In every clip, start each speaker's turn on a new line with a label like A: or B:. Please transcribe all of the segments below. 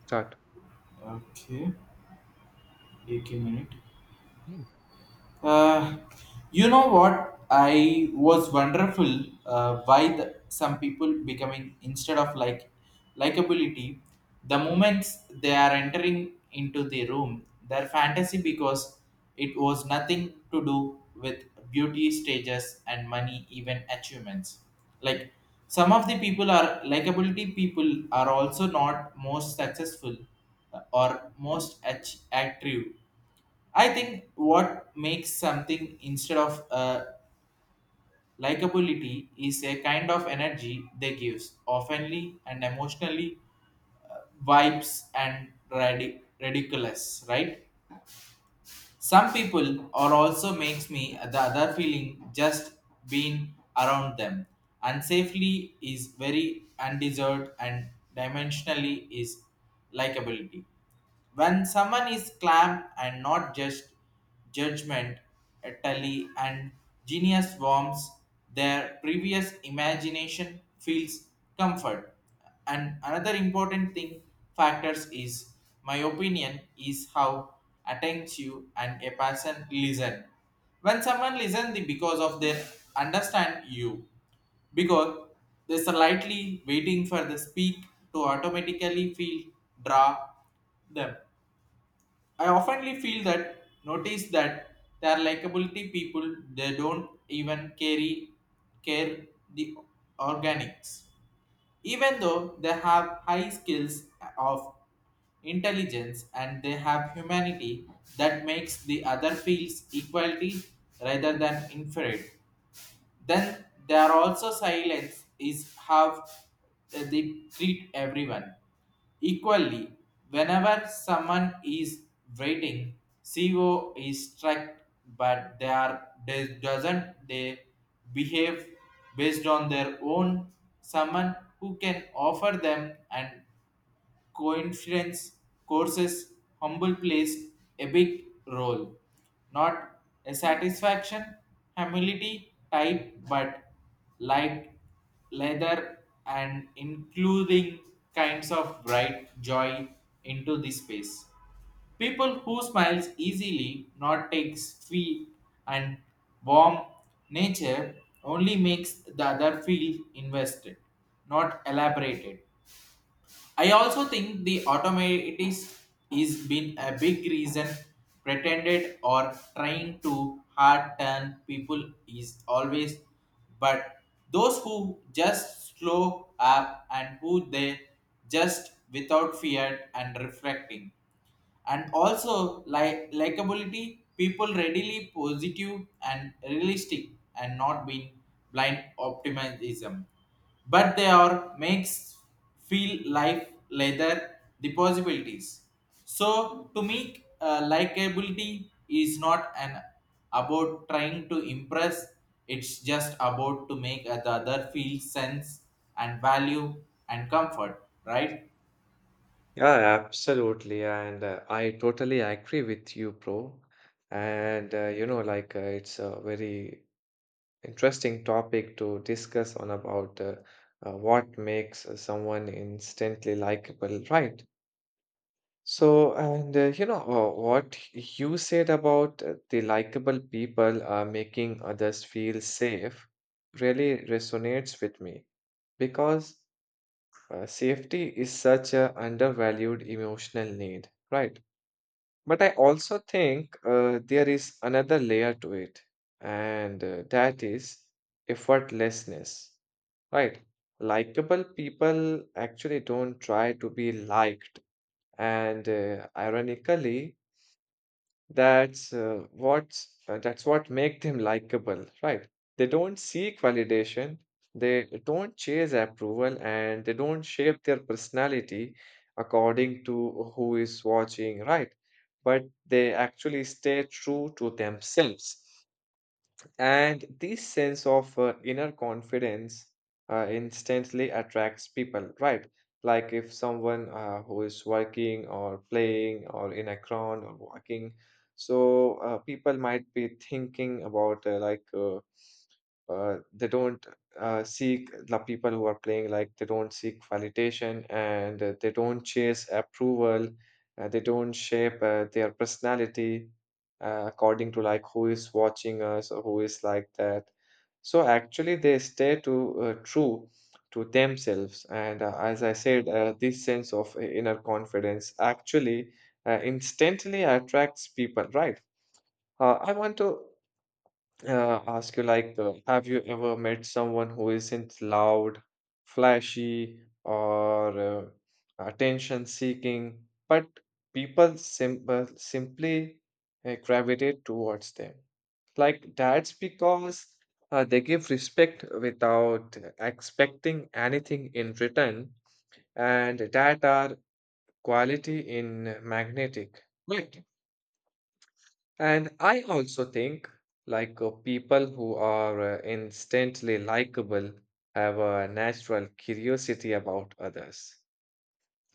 A: Start.
B: Okay, take a minute.
A: Mm.
B: Uh, you know what? I was wonderful why the, some people becoming instead of like likability, the moments they are entering into the room, their fantasy because it was nothing to do with beauty stages and money, even achievements. Like some of the people are likability people are also not most successful or most active. I think what makes something instead of likability is a kind of energy they gives, oftenly and emotionally uh, vibes and ridiculous, right? Some people or also makes me the other feeling just being around them. Unsafely is very undeserved and dimensionally is likability. When someone is clam and not just judgment, tally and genius warms their previous imagination feels comfort. And another important thing factors is my opinion is how attentive and a person listen. When someone listen the because of their understand you, because they slightly waiting for the speak to automatically feel draw them. I oftenly feel that notice that they are likability people. They don't even carry care the organics even though they have high skills of intelligence and they have humanity that makes the other feels equality rather than inferior, then there are also silence is how they treat everyone. Equally, whenever someone is waiting, CO is struck, but they are they doesn't they behave based on their own someone who can offer them and coincidence courses humble plays a big role, not a satisfaction humility type, but light leather and including kinds of bright joy into the space. People who smiles easily not takes feet and warm nature only makes the other feel invested, not elaborated. I also think the automatics is been a big reason pretended or trying to hard turn people is always, but those who just slow up and who they just without fear and reflecting and also like likability people readily positive and realistic and not being blind optimism, but they are makes feel life later the possibilities. So to me, likability is not an about trying to impress, it's just about to make the other feel sense and value and comfort, right?
A: Yeah, absolutely. And I totally agree with you, bro. And you know, like It's a very interesting topic to discuss on about what makes someone instantly likable, right? What you said about the likable people making others feel safe really resonates with me because. Safety is such a undervalued emotional need, right? But I also think there is another layer to it, and that is effortlessness, right? Likeable people actually don't try to be liked, and ironically, that's what make them likable, right? They don't seek validation, they don't chase approval, and they don't shape their personality according to who is watching, right? But they actually stay true to themselves. And this sense of inner confidence instantly attracts people, right? Like if someone who is working or playing or in a crowd or walking, so people might be thinking about they don't seek the people who are playing, like they don't seek validation and they don't chase approval, they don't shape their personality according to like who is watching us or who is like that. So actually, they stay to true to themselves. And as I said, this sense of inner confidence actually instantly attracts people, right? I want to ask you like, have you ever met someone who isn't loud, flashy, or attention seeking, but people simply gravitate towards them? Like, that's because they give respect without expecting anything in return, and that are quality in magnetic, right? And I also think like people who are instantly likable have a natural curiosity about others.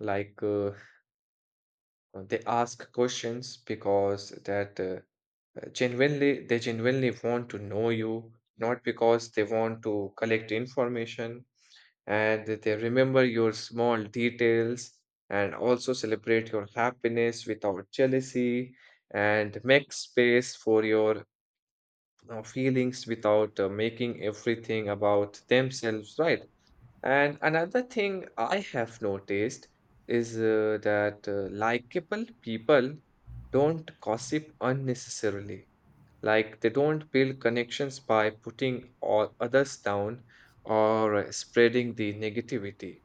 A: Like they ask questions because that genuinely they genuinely want to know you, not because they want to collect information. And they remember your small details and also celebrate your happiness without jealousy and make space for your feelings without making everything about themselves, right? And another thing I have noticed is that likable people don't gossip unnecessarily. Like they don't build connections by putting all others down or spreading the negativity.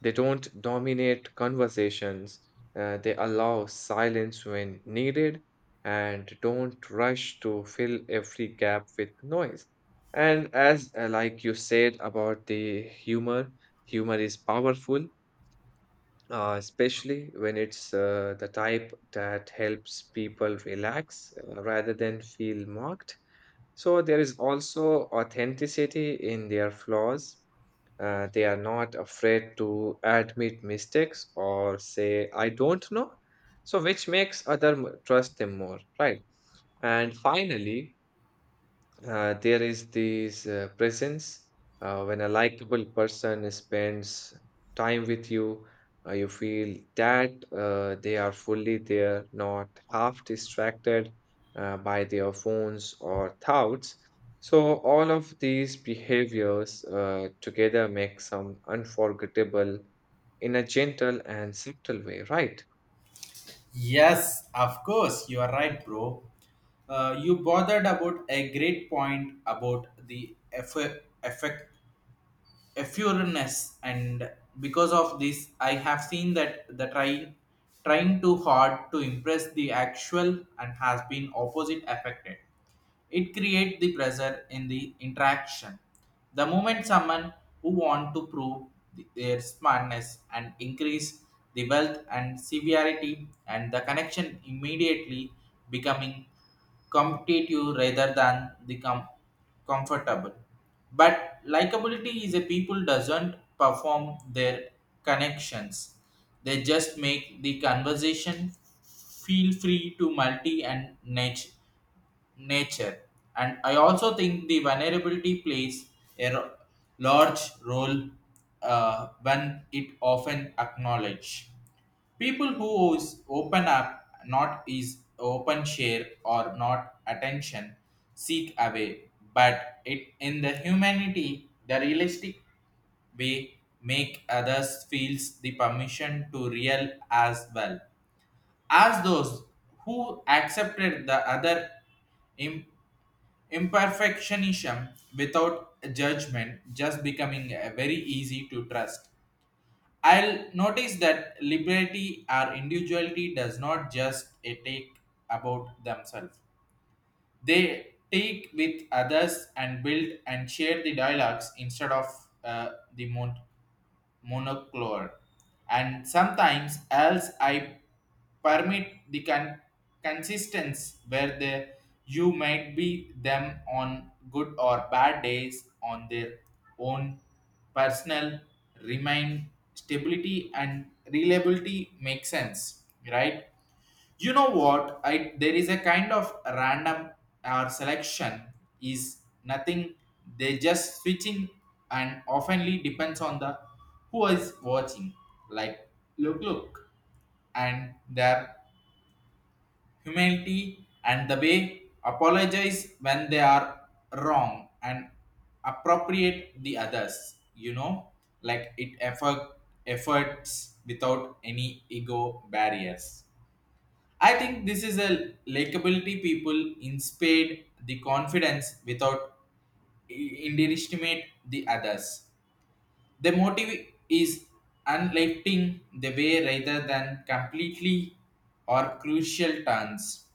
A: They don't dominate conversations, they allow silence when needed, and don't rush to fill every gap with noise. And as like you said about the humor, humor is powerful, especially when it's the type that helps people relax rather than feel mocked. So there is also authenticity in their flaws, they are not afraid to admit mistakes or say, I don't know. So, which makes trust them more, right? And finally, there is this presence when a likable person spends time with you, you feel that they are fully there, not half distracted by their phones or thoughts. So, all of these behaviors together make some unforgettable in a gentle and subtle way, right?
B: Yes, of course, you are right, bro. You bothered about a great point about the effect effureness, and because of this I have seen that the trying too hard to impress the actual and has been opposite affected. It creates the pressure in the interaction. The moment someone who want to prove their smartness and increase the wealth and severity and the connection immediately becoming competitive rather than the comfortable. But likability is a people doesn't perform their connections. They just make the conversation feel free to multi and niche nature. And I also think the vulnerability plays a ro- large role when it often acknowledge. People who is open up, not is open share or not attention, seek away. But it in the humanity, the realistic way make others feels the permission to real as well as those who accepted the other imperfectionism without judgment just becoming very easy to trust. I'll notice that liberty or individuality does not just a take about themselves. They take with others and build and share the dialogues instead of the moon monoclore, and sometimes else I permit the consistency where the you might be them on good or bad days on their own personal remain stability and reliability make sense, right? You know what, I there is a kind of random or selection is nothing. They just switching and oftenly depends on the who is watching, like look and their humanity and the way apologize when they are wrong and appropriate the others, you know, like it efforts without any ego barriers. I think this is a likability people inspired the confidence without underestimate the others. The motive is unlifting the way rather than completely or crucial turns.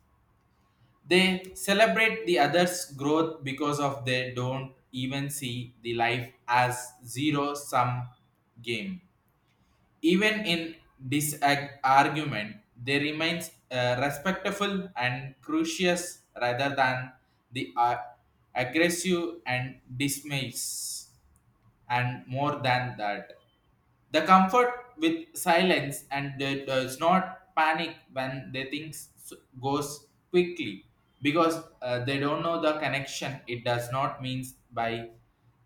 B: They celebrate the others' growth because of they don't even see the life as zero sum game. Even in this argument, they remains respectful and curious rather than the aggressive and dismiss, and more than that. The comfort with silence and they does not panic when they things goes quickly because they don't know the connection. It does not means by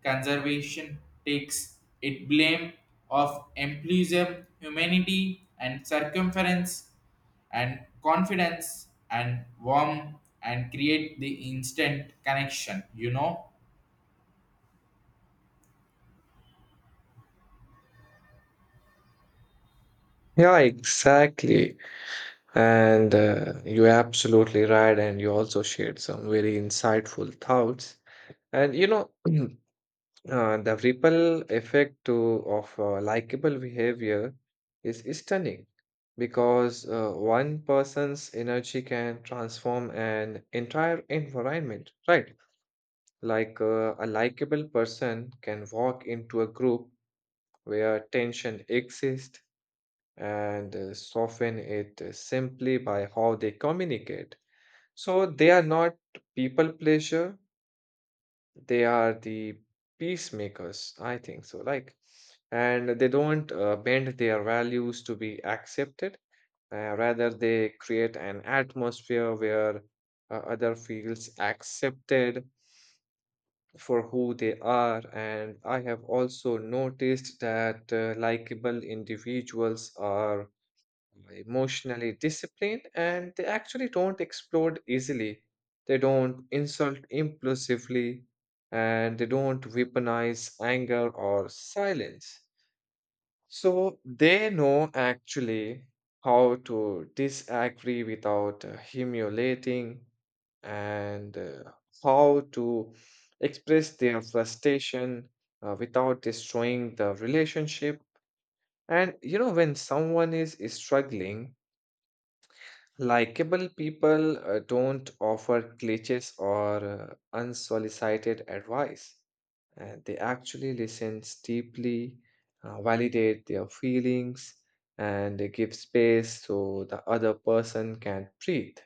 B: conservation takes it blame of employism, humanity and circumference and confidence and warm and create the instant connection, you know.
A: Yeah, exactly. And you're absolutely right. And you also shared some very insightful thoughts. And you know, the ripple effect of likable behavior is stunning because one person's energy can transform an entire environment, right? Like a likable person can walk into a group where tension exists and soften it simply by how they communicate. So they are not people pleasure, they are the peacemakers, I think so. Like, and they don't bend their values to be accepted. Rather, they create an atmosphere where other feels accepted for who they are. And I have also noticed that likable individuals are emotionally disciplined and they actually don't explode easily. They don't insult impulsively and they don't weaponize anger or silence. So they know actually how to disagree without humiliating and how to express their frustration without destroying the relationship. And you know, when someone is struggling, likeable people don't offer glitches or unsolicited advice. They actually listen deeply, validate their feelings, and they give space so the other person can breathe.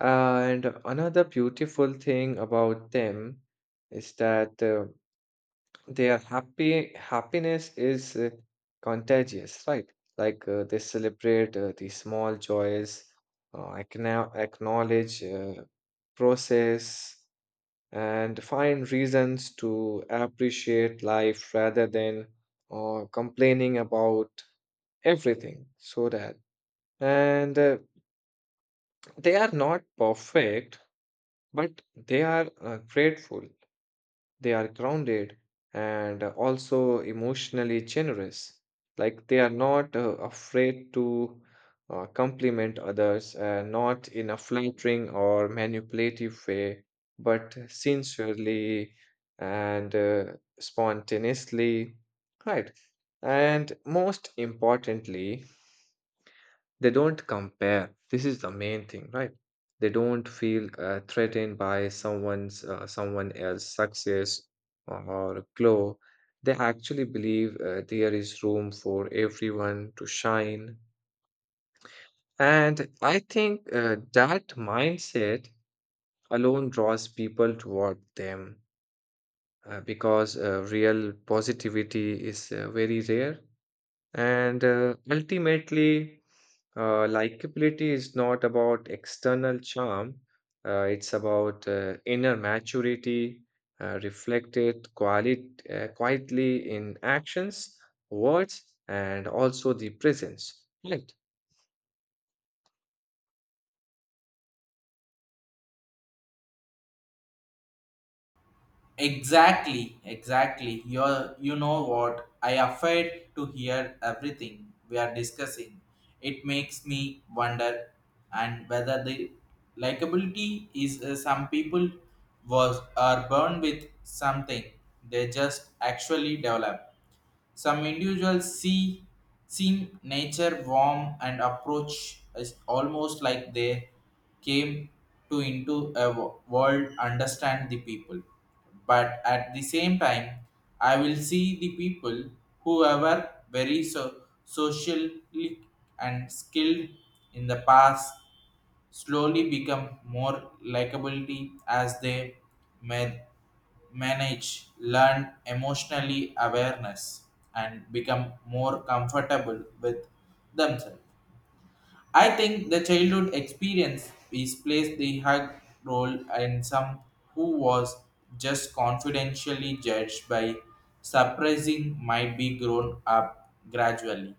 A: And another beautiful thing about them is that their happy happiness is contagious, right? Like they celebrate the small joys, acknowledge process, and find reasons to appreciate life rather than complaining about everything. So that and they are not perfect, but they are grateful. They are grounded and also emotionally generous. Like they are not afraid to compliment others, not in a flattering or manipulative way, but sincerely and spontaneously. Right. And most importantly, they don't compare. This is the main thing, right? They don't feel threatened by someone else's success or glow. They actually believe there is room for everyone to shine. And I think that mindset alone draws people toward them because real positivity is very rare. And Ultimately, likability is not about external charm, it's about inner maturity reflected quietly in actions, words, and also the presence. Right.
B: Exactly, exactly. You're, you know what? I afraid to hear everything we are discussing. It makes me wonder, and whether the likability is, some people was are born with something they just actually develop. Some individuals seem nature warm and approach is almost like they came to into a world understand the people. But at the same time, I will see the people whoever very socially and skilled in the past slowly become more likability as they man- manage, learn emotionally awareness, and become more comfortable with themselves. I think the childhood experience is plays the high role in some who was just confidentially judged by surprising might be grown up gradually.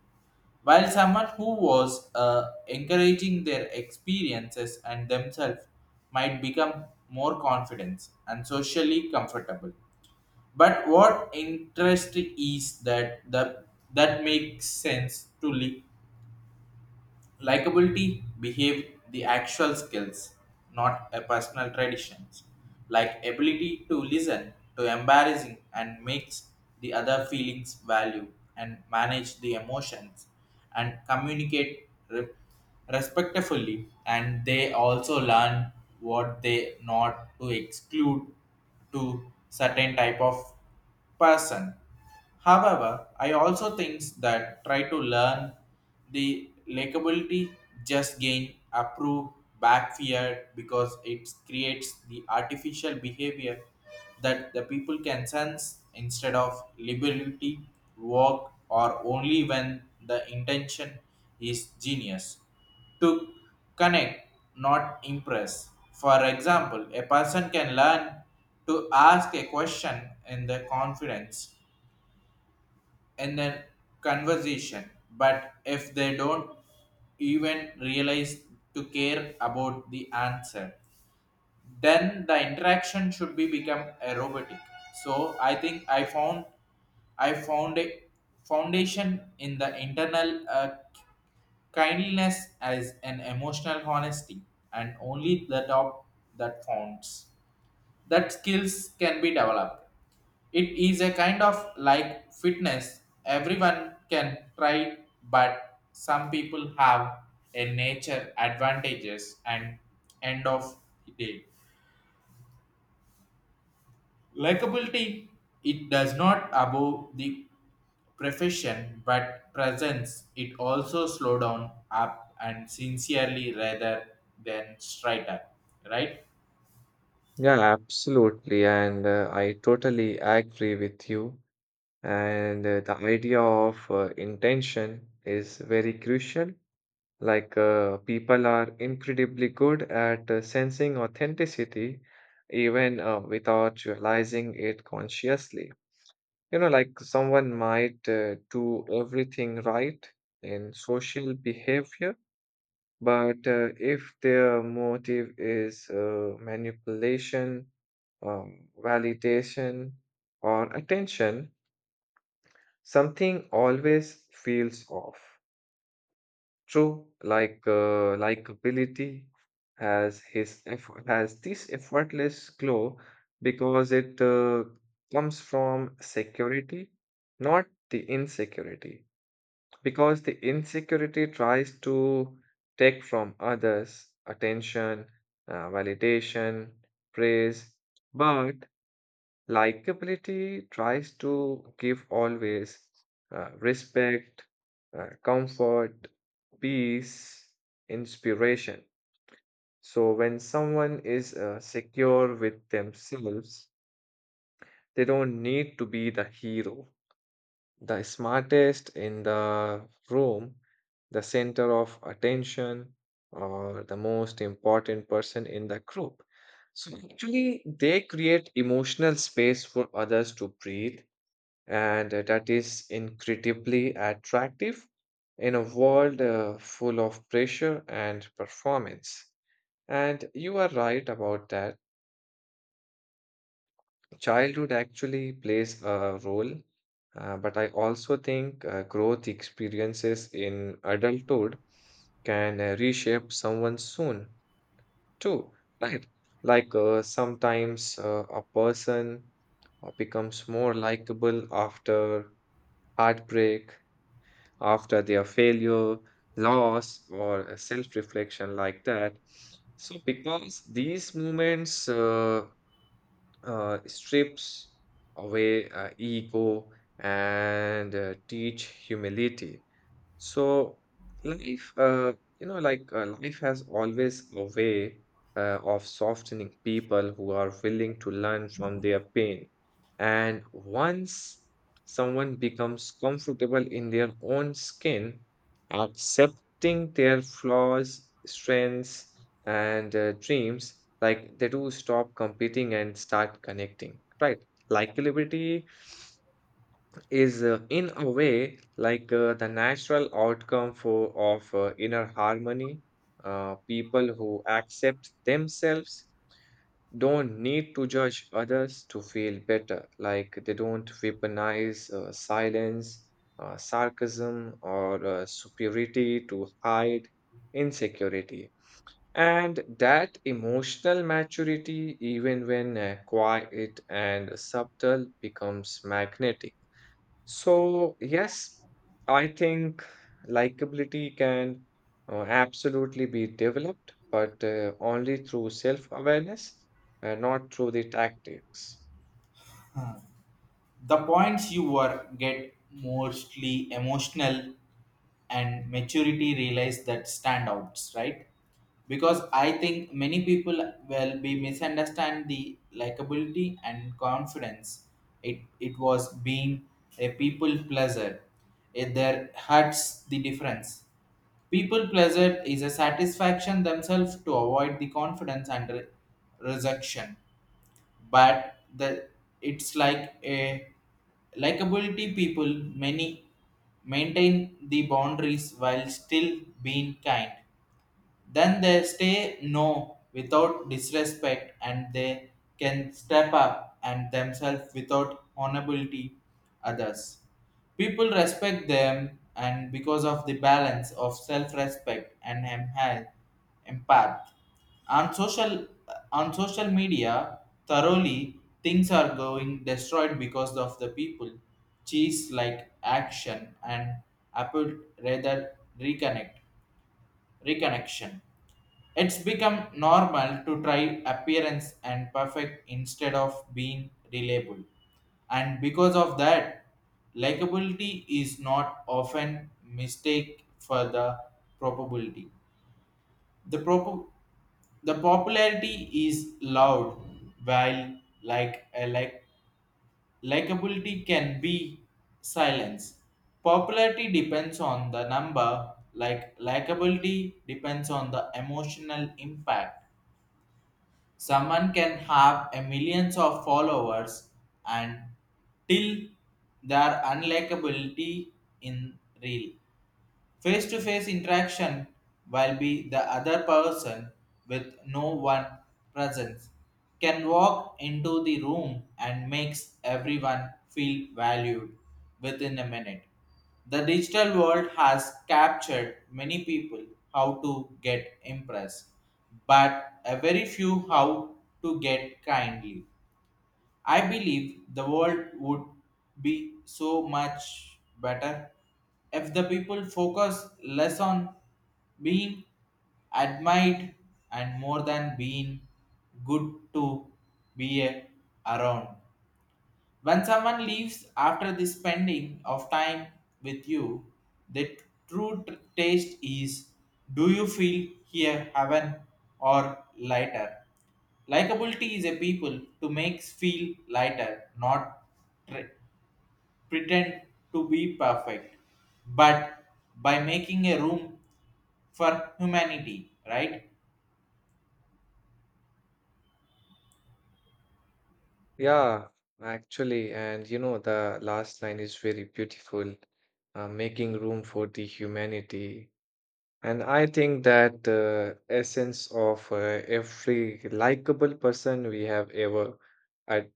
B: While someone who was encouraging their experiences and themselves might become more confident and socially comfortable. But what interest is that the, that makes sense to live. Likability behave the actual skills, not a personal traditions. Like ability to listen to embarrassing and makes the other feelings value and manage the emotions and communicate respectfully, and they also learn what they not to exclude to certain type of person. However, I also think that try to learn the likability just gain approve back fear because it creates the artificial behavior that the people can sense instead of liberty work or only when the intention is genius to connect, not impress. For example, a person can learn to ask a question in the confidence in the conversation, but if they don't even realize to care about the answer, then the interaction should be become a robotic. So I think I found a foundation in the internal kindness is an emotional honesty, and only the dog that counts. That skills can be developed. It is a kind of like fitness. Everyone can try, but some people have a nature advantages and end of day. Likability, it does not above the profession but presence. It also slow down up and sincerely rather than straight up, right?
A: Yeah, absolutely. And I totally agree with you. And The idea of intention is very crucial. Like, people are incredibly good at sensing authenticity even without realizing it consciously. You know, like someone might do everything right in social behavior, but if their motive is manipulation, validation, or attention, something always feels off. True, like likability has this effortless glow because it comes from security, not the insecurity. Because the insecurity tries to take from others attention, validation, praise, but likability tries to give always respect, comfort, peace, inspiration. So when someone is secure with themselves, they don't need to be the hero, the smartest in the room, the center of attention, or the most important person in the group. So actually, they create emotional space for others to breathe and that is incredibly attractive in a world full of pressure and performance. And you are right about that. Childhood actually plays a role, but I also think growth experiences in adulthood can reshape someone soon too, right? Like sometimes a person becomes more likable after heartbreak, after their failure, loss, or self reflection like that. So, because these moments strips away ego and teach humility. So life, you know, like life has always a way of softening people who are willing to learn from their pain. And once someone becomes comfortable in their own skin, accepting their flaws, strengths, and dreams, like they do stop competing and start connecting, right? Likability is in a way like the natural outcome for of inner harmony. People who accept themselves don't need to judge others to feel better, like they don't weaponize silence, sarcasm or superiority to hide insecurity, and that emotional maturity, even when quiet and subtle, becomes magnetic. So, yes, I think likability can absolutely be developed, but only through self awareness and not through the tactics.
B: The points you were get mostly emotional and maturity realize that standouts, right? Because I think many people will be misunderstand the likability and confidence. It was being a people pleaser, it there hurts the difference. People pleaser is a satisfaction themselves to avoid the confidence and rejection, but the it's like a likability people many maintain the boundaries while still being kind. Then they stay no without disrespect and they can step up and themselves without honorability others. People respect them and because of the balance of self-respect and empath. Empath. On social on social media, thoroughly things are going destroyed because of the people. Cheese like action and Apple rather reconnection. It's become normal to try appearance and perfect instead of being reliable. And because of that, likability is not often mistake for the probability. The prop- the popularity is loud while like likability can be silence. Popularity depends on the number, like likability depends on the emotional impact. Someone can have a millions of followers and till their unlikability in real. Face to face interaction while be the other person with no one presence can walk into the room and makes everyone feel valued within a minute. The digital world has captured many people how to get impressed, but a very few how to get kindly. I believe the world would be so much better if the people focus less on being admired and more than being good to be around. When someone leaves after the spending of time with you, the true taste is do you feel here heaven or lighter? Likability is a people to make feel lighter, not tre- pretend to be perfect, but by making a room for humanity, right?
A: Yeah, actually, and you know, the last line is very beautiful, making room for the humanity. And I think that the essence of every likable person we have ever ad-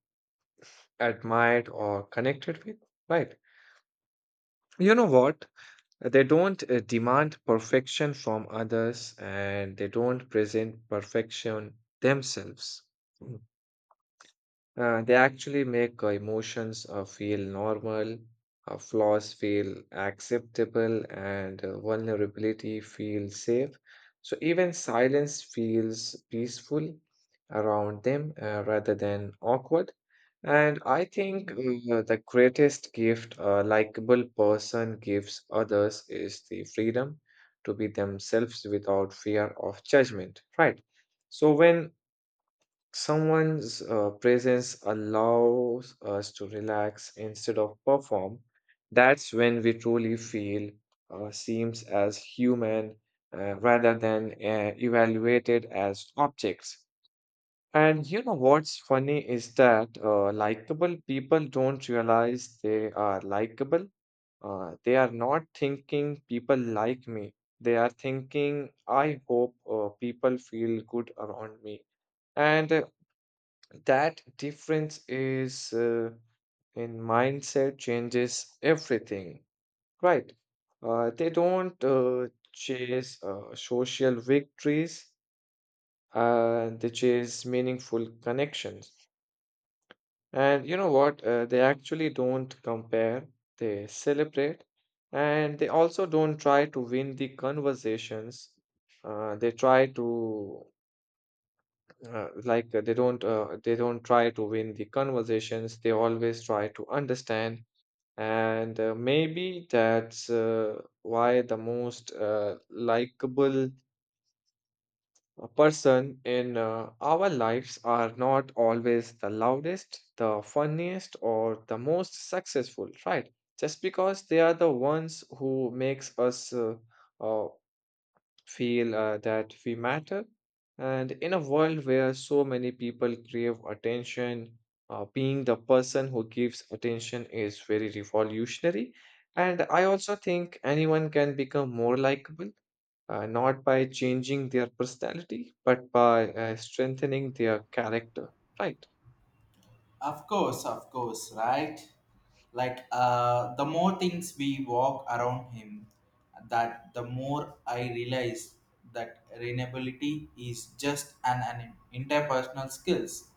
A: admired or connected with, right? You know what? They don't demand perfection from others and they don't present perfection themselves. They actually make emotions feel normal, flaws feel acceptable, and vulnerability feel safe. So even silence feels peaceful around them rather than awkward. And I think the greatest gift a likable person gives others is the freedom to be themselves without fear of judgment, right? So when someone's presence allows us to relax instead of perform. That's when we truly feel seems as human rather than evaluated as objects. And you know what's funny is that likable people don't realize they are likable. They are not thinking people like me. They are thinking, I hope people feel good around me. And that difference is in mindset changes everything, right? They don't chase social victories, they chase meaningful connections. And you know what? They actually don't compare, they celebrate, and they also don't try to win the conversations. They try to they don't try to win the conversations. They always try to understand, and maybe that's why the most likable person in our lives are not always the loudest, the funniest, or the most successful, right? Just because they are the ones who makes us uh, feel that we matter. And in a world where so many people crave attention, being the person who gives attention is very revolutionary. And I also think anyone can become more likable, not by changing their personality, but by strengthening their character, right?
B: Of course, right? Like the more things we walk around him, that the more I realize that renewability is just an interpersonal skills.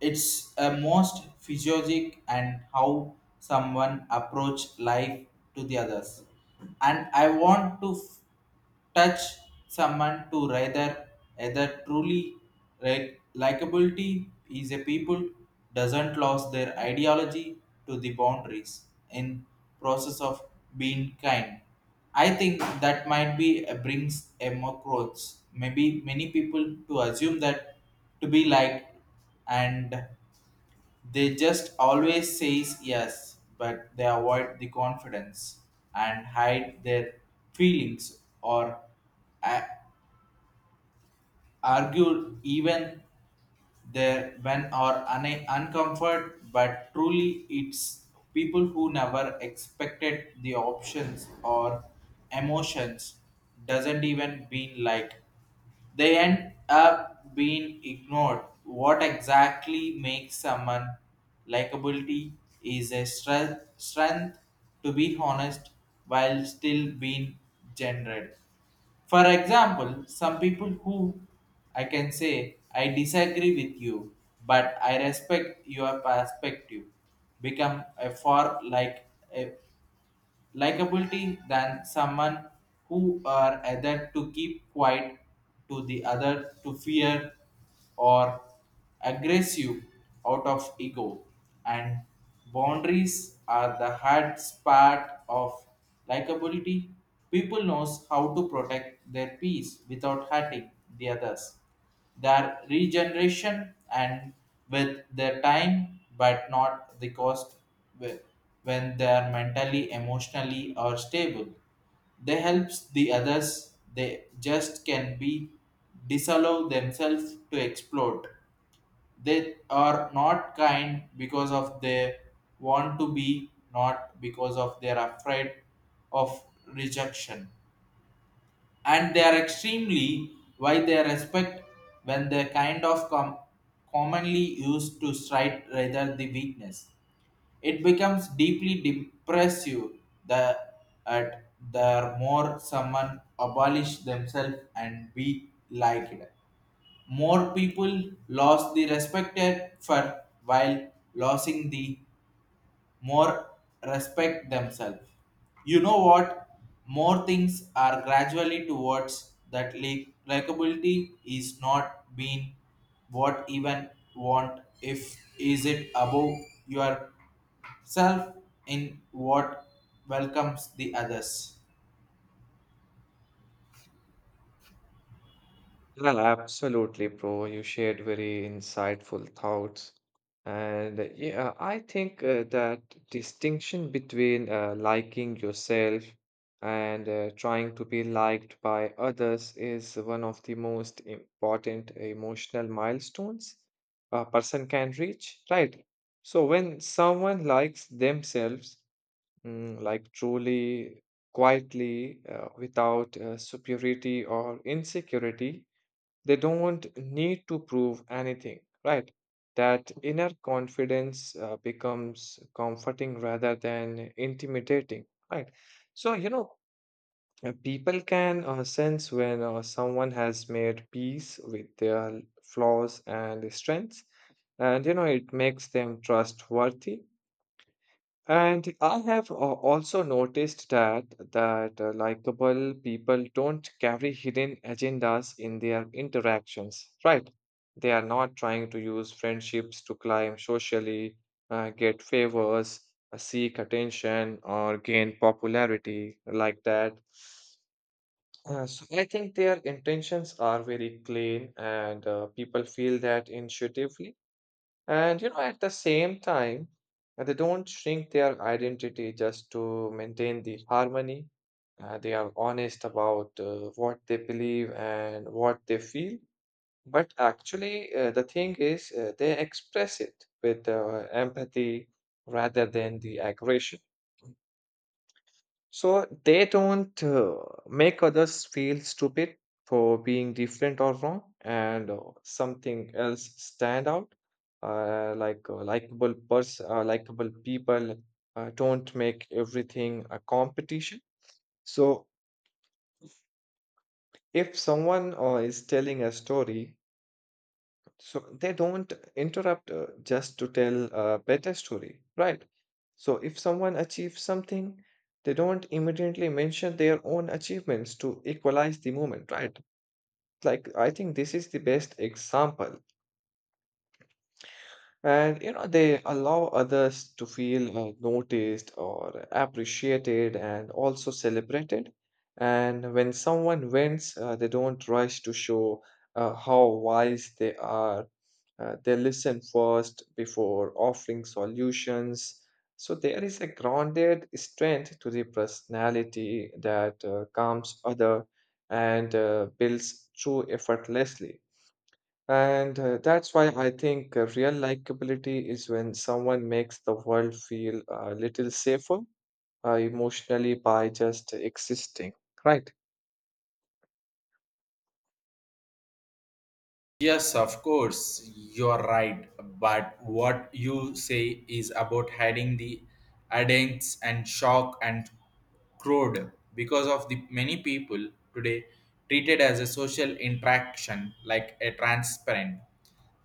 B: It's a most physiologic and how someone approach life to the others. And I want to touch someone to rather either truly like likability is a people doesn't lose their ideology to the boundaries in process of being kind. I think that might be a brings a more growth. Maybe many people to assume that to be liked and they just always says yes, but they avoid the confidence and hide their feelings or a- argue even there when are uncomfort but truly it's people who never expected the options or emotions doesn't even been like they end up being ignored. What exactly makes someone likability is a strength to be honest while still being gendered? For example, some people who I can say I disagree with you, but I respect your perspective become a far like a likability than someone who are either to keep quiet to the other to fear or aggressive out of ego, and boundaries are the hard part of likability. People knows how to protect their peace without hurting the others, their regeneration and with their time but not the cost. whe- when they are mentally emotionally or stable they helps the others, they just can be disallow themselves to explode. They are not kind because of they want to be, not because of they are afraid of rejection. And they are extremely why they respect when they kind of commonly used to strike rather the weakness. It becomes deeply depressive, the, at, the more someone abolish themselves and be liked. More people lost the respected for while losing the more respect themselves. You know what? More things are gradually towards that likability is not being what even want if is it above yourself in what welcomes the others.
A: Yeah, absolutely, bro. You shared very insightful thoughts. And yeah, I think that distinction between liking yourself and trying to be liked by others is one of the most important emotional milestones a person can reach, right? So when someone likes themselves, mm, like truly, quietly, without superiority or insecurity, they don't need to prove anything, right? That inner confidence becomes comforting rather than intimidating, right? So, you know, people can sense when someone has made peace with their flaws and strengths, and you know, it makes them trustworthy. And I have also noticed that likable people don't carry hidden agendas in their interactions, right? They are not trying to use friendships to climb socially, get favors, seek attention, or gain popularity like that. So I think their intentions are very clean, and people feel that intuitively. And you know, at the same time, they don't shrink their identity just to maintain the harmony. They are honest about what they believe and what they feel. But actually, the thing is, they express it with empathy rather than the aggression. So they don't make others feel stupid for being different or wrong, and something else stand out. Likable people don't make everything a competition. So if someone is telling a story, so they don't interrupt just to tell a better story, right? So if someone achieves something, they don't immediately mention their own achievements to equalize the moment, right? Like, I think this is the best example, and you know, they allow others to feel noticed or appreciated and also celebrated. And when someone wins, they don't rush to show how wise they are. They listen first before offering solutions. So there is a grounded strength to the personality that calms other and builds true effortlessly. And that's why I think real likability is when someone makes the world feel a little safer emotionally by just existing, right?
B: Yes, of course, you're right. But what you say is about hiding the adults and shock and crowd because of the many people today treated as a social interaction like a transparent.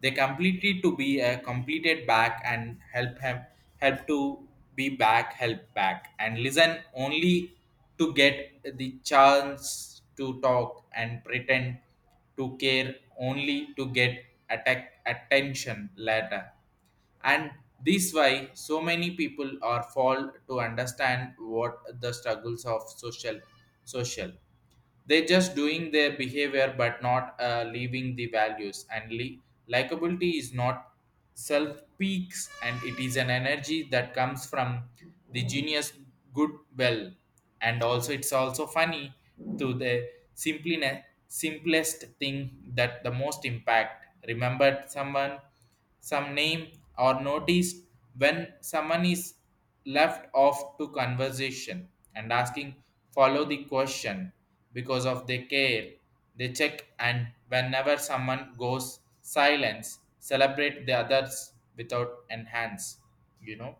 B: They completely to be a completed back and help him help to be back, help back and listen only to get the chance to talk and pretend to care only to get attack attention later, and this why so many people are fall to understand what the struggles of social. They're just doing their behavior but not leaving the values. And likability is not self peaks, and it is an energy that comes from the genius goodwill. And also, it's also funny to the simply simplest thing that the most impact. Remember someone, some name, or noticed when someone is left off to conversation and asking follow the question because of their care. They check, and whenever someone goes silence celebrate the others without enhance, you know,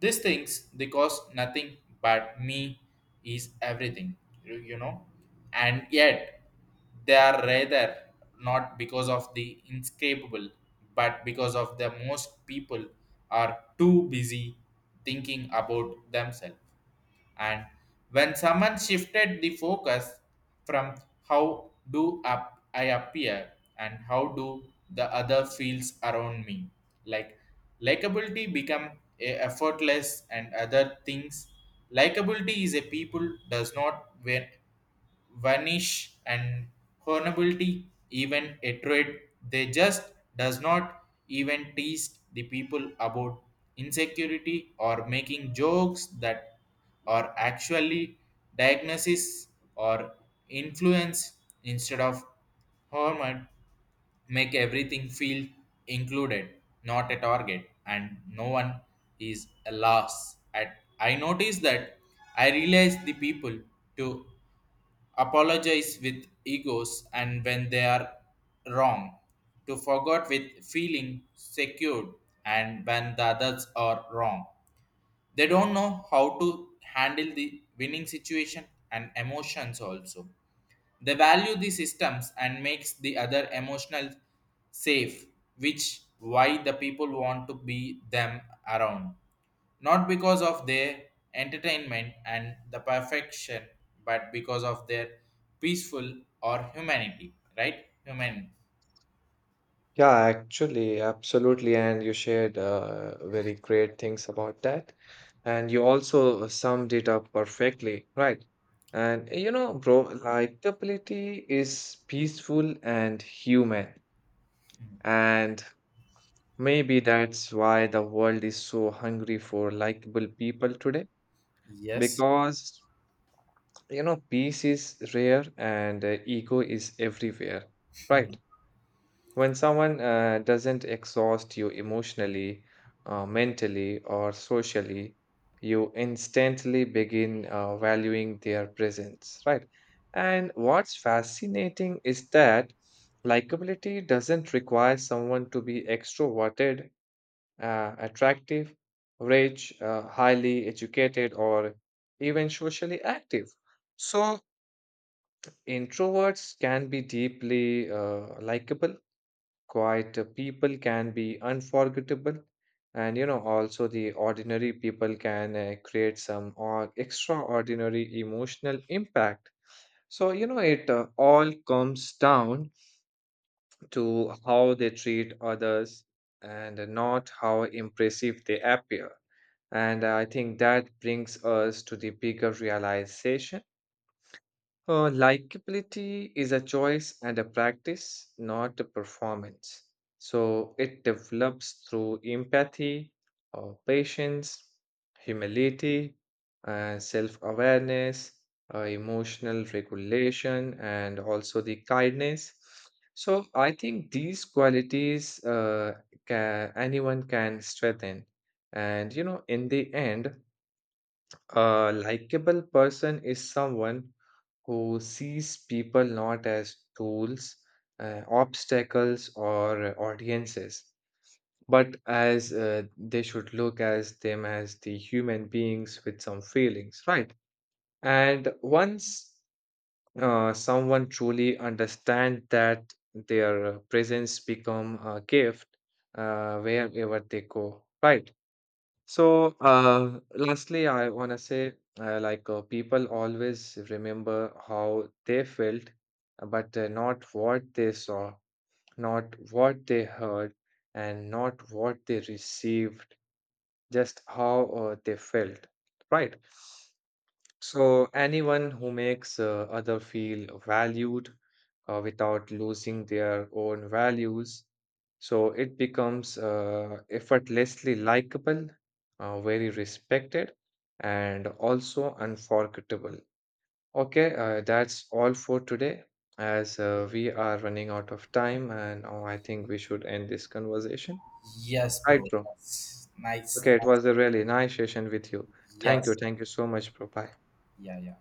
B: these things they cost nothing but me is everything, you know, and yet they are rather not because of the inescapable, but because of the most people are too busy thinking about themselves. And when someone shifted the focus from how do up I appear and how do the other feels around me, like likability become a effortless and other things. Likability is a people does not win vanish and vulnerability even a trade. They just does not even tease the people about insecurity or making jokes that are actually diagnosis or influence instead of hormone. Make everything feel included, not a target, and no one is a loss at. I noticed that I realized the people to apologize with egos, and when they are wrong to forget with feeling secured, and when the others are wrong they don't know how to handle the winning situation and emotions also. They value the systems and makes the other emotional safe, which why the people want to be them around. Not because of their entertainment and the perfection, but because of their peaceful or humanity, right? Human.
A: Yeah, actually, absolutely. And you shared very great things about that. And you also summed it up perfectly, right? And you know, bro, likability is peaceful and human. And maybe that's why the world is so hungry for likable people today,
B: Yes.
A: because you know, peace is rare and ego is everywhere, right? When someone doesn't exhaust you emotionally, mentally, or socially, you instantly begin valuing their presence, right? And what's fascinating is that likability doesn't require someone to be extroverted, attractive, rich, highly educated, or even socially active. So, introverts can be deeply likable, quiet people can be unforgettable, and you know, also the ordinary people can create some or extraordinary emotional impact. So, you know, it all comes down to how they treat others and not how impressive they appear. And I think that brings us to the bigger realization. Likability is a choice and a practice, not a performance. So it develops through empathy, patience, humility, self awareness, emotional regulation, and also the kindness. So I think these qualities ca anyone can strengthen. And you know, in the end, a likable person is someone who sees people not as tools, obstacles, or audiences, but as they should look as them as the human beings with some feelings, right? And once someone truly understand that their presence become a gift wherever they go, right? So, lastly, I want to say, people always remember how they felt, but not what they saw, not what they heard, and not what they received, just how they felt, right? So, anyone who makes other feel valued without losing their own values, so it becomes effortlessly likable, very respected, and also unforgettable. Okay, that's all for today, as we are running out of time, and I think we should end this conversation.
B: Yes, bro.
A: Right, bro.
B: That's nice.
A: Okay, it
B: Nice.
A: was a really nice session with you. Thank you.
B: Yes.
A: Thank you so much, bro. Bye.
B: Yeah, yeah.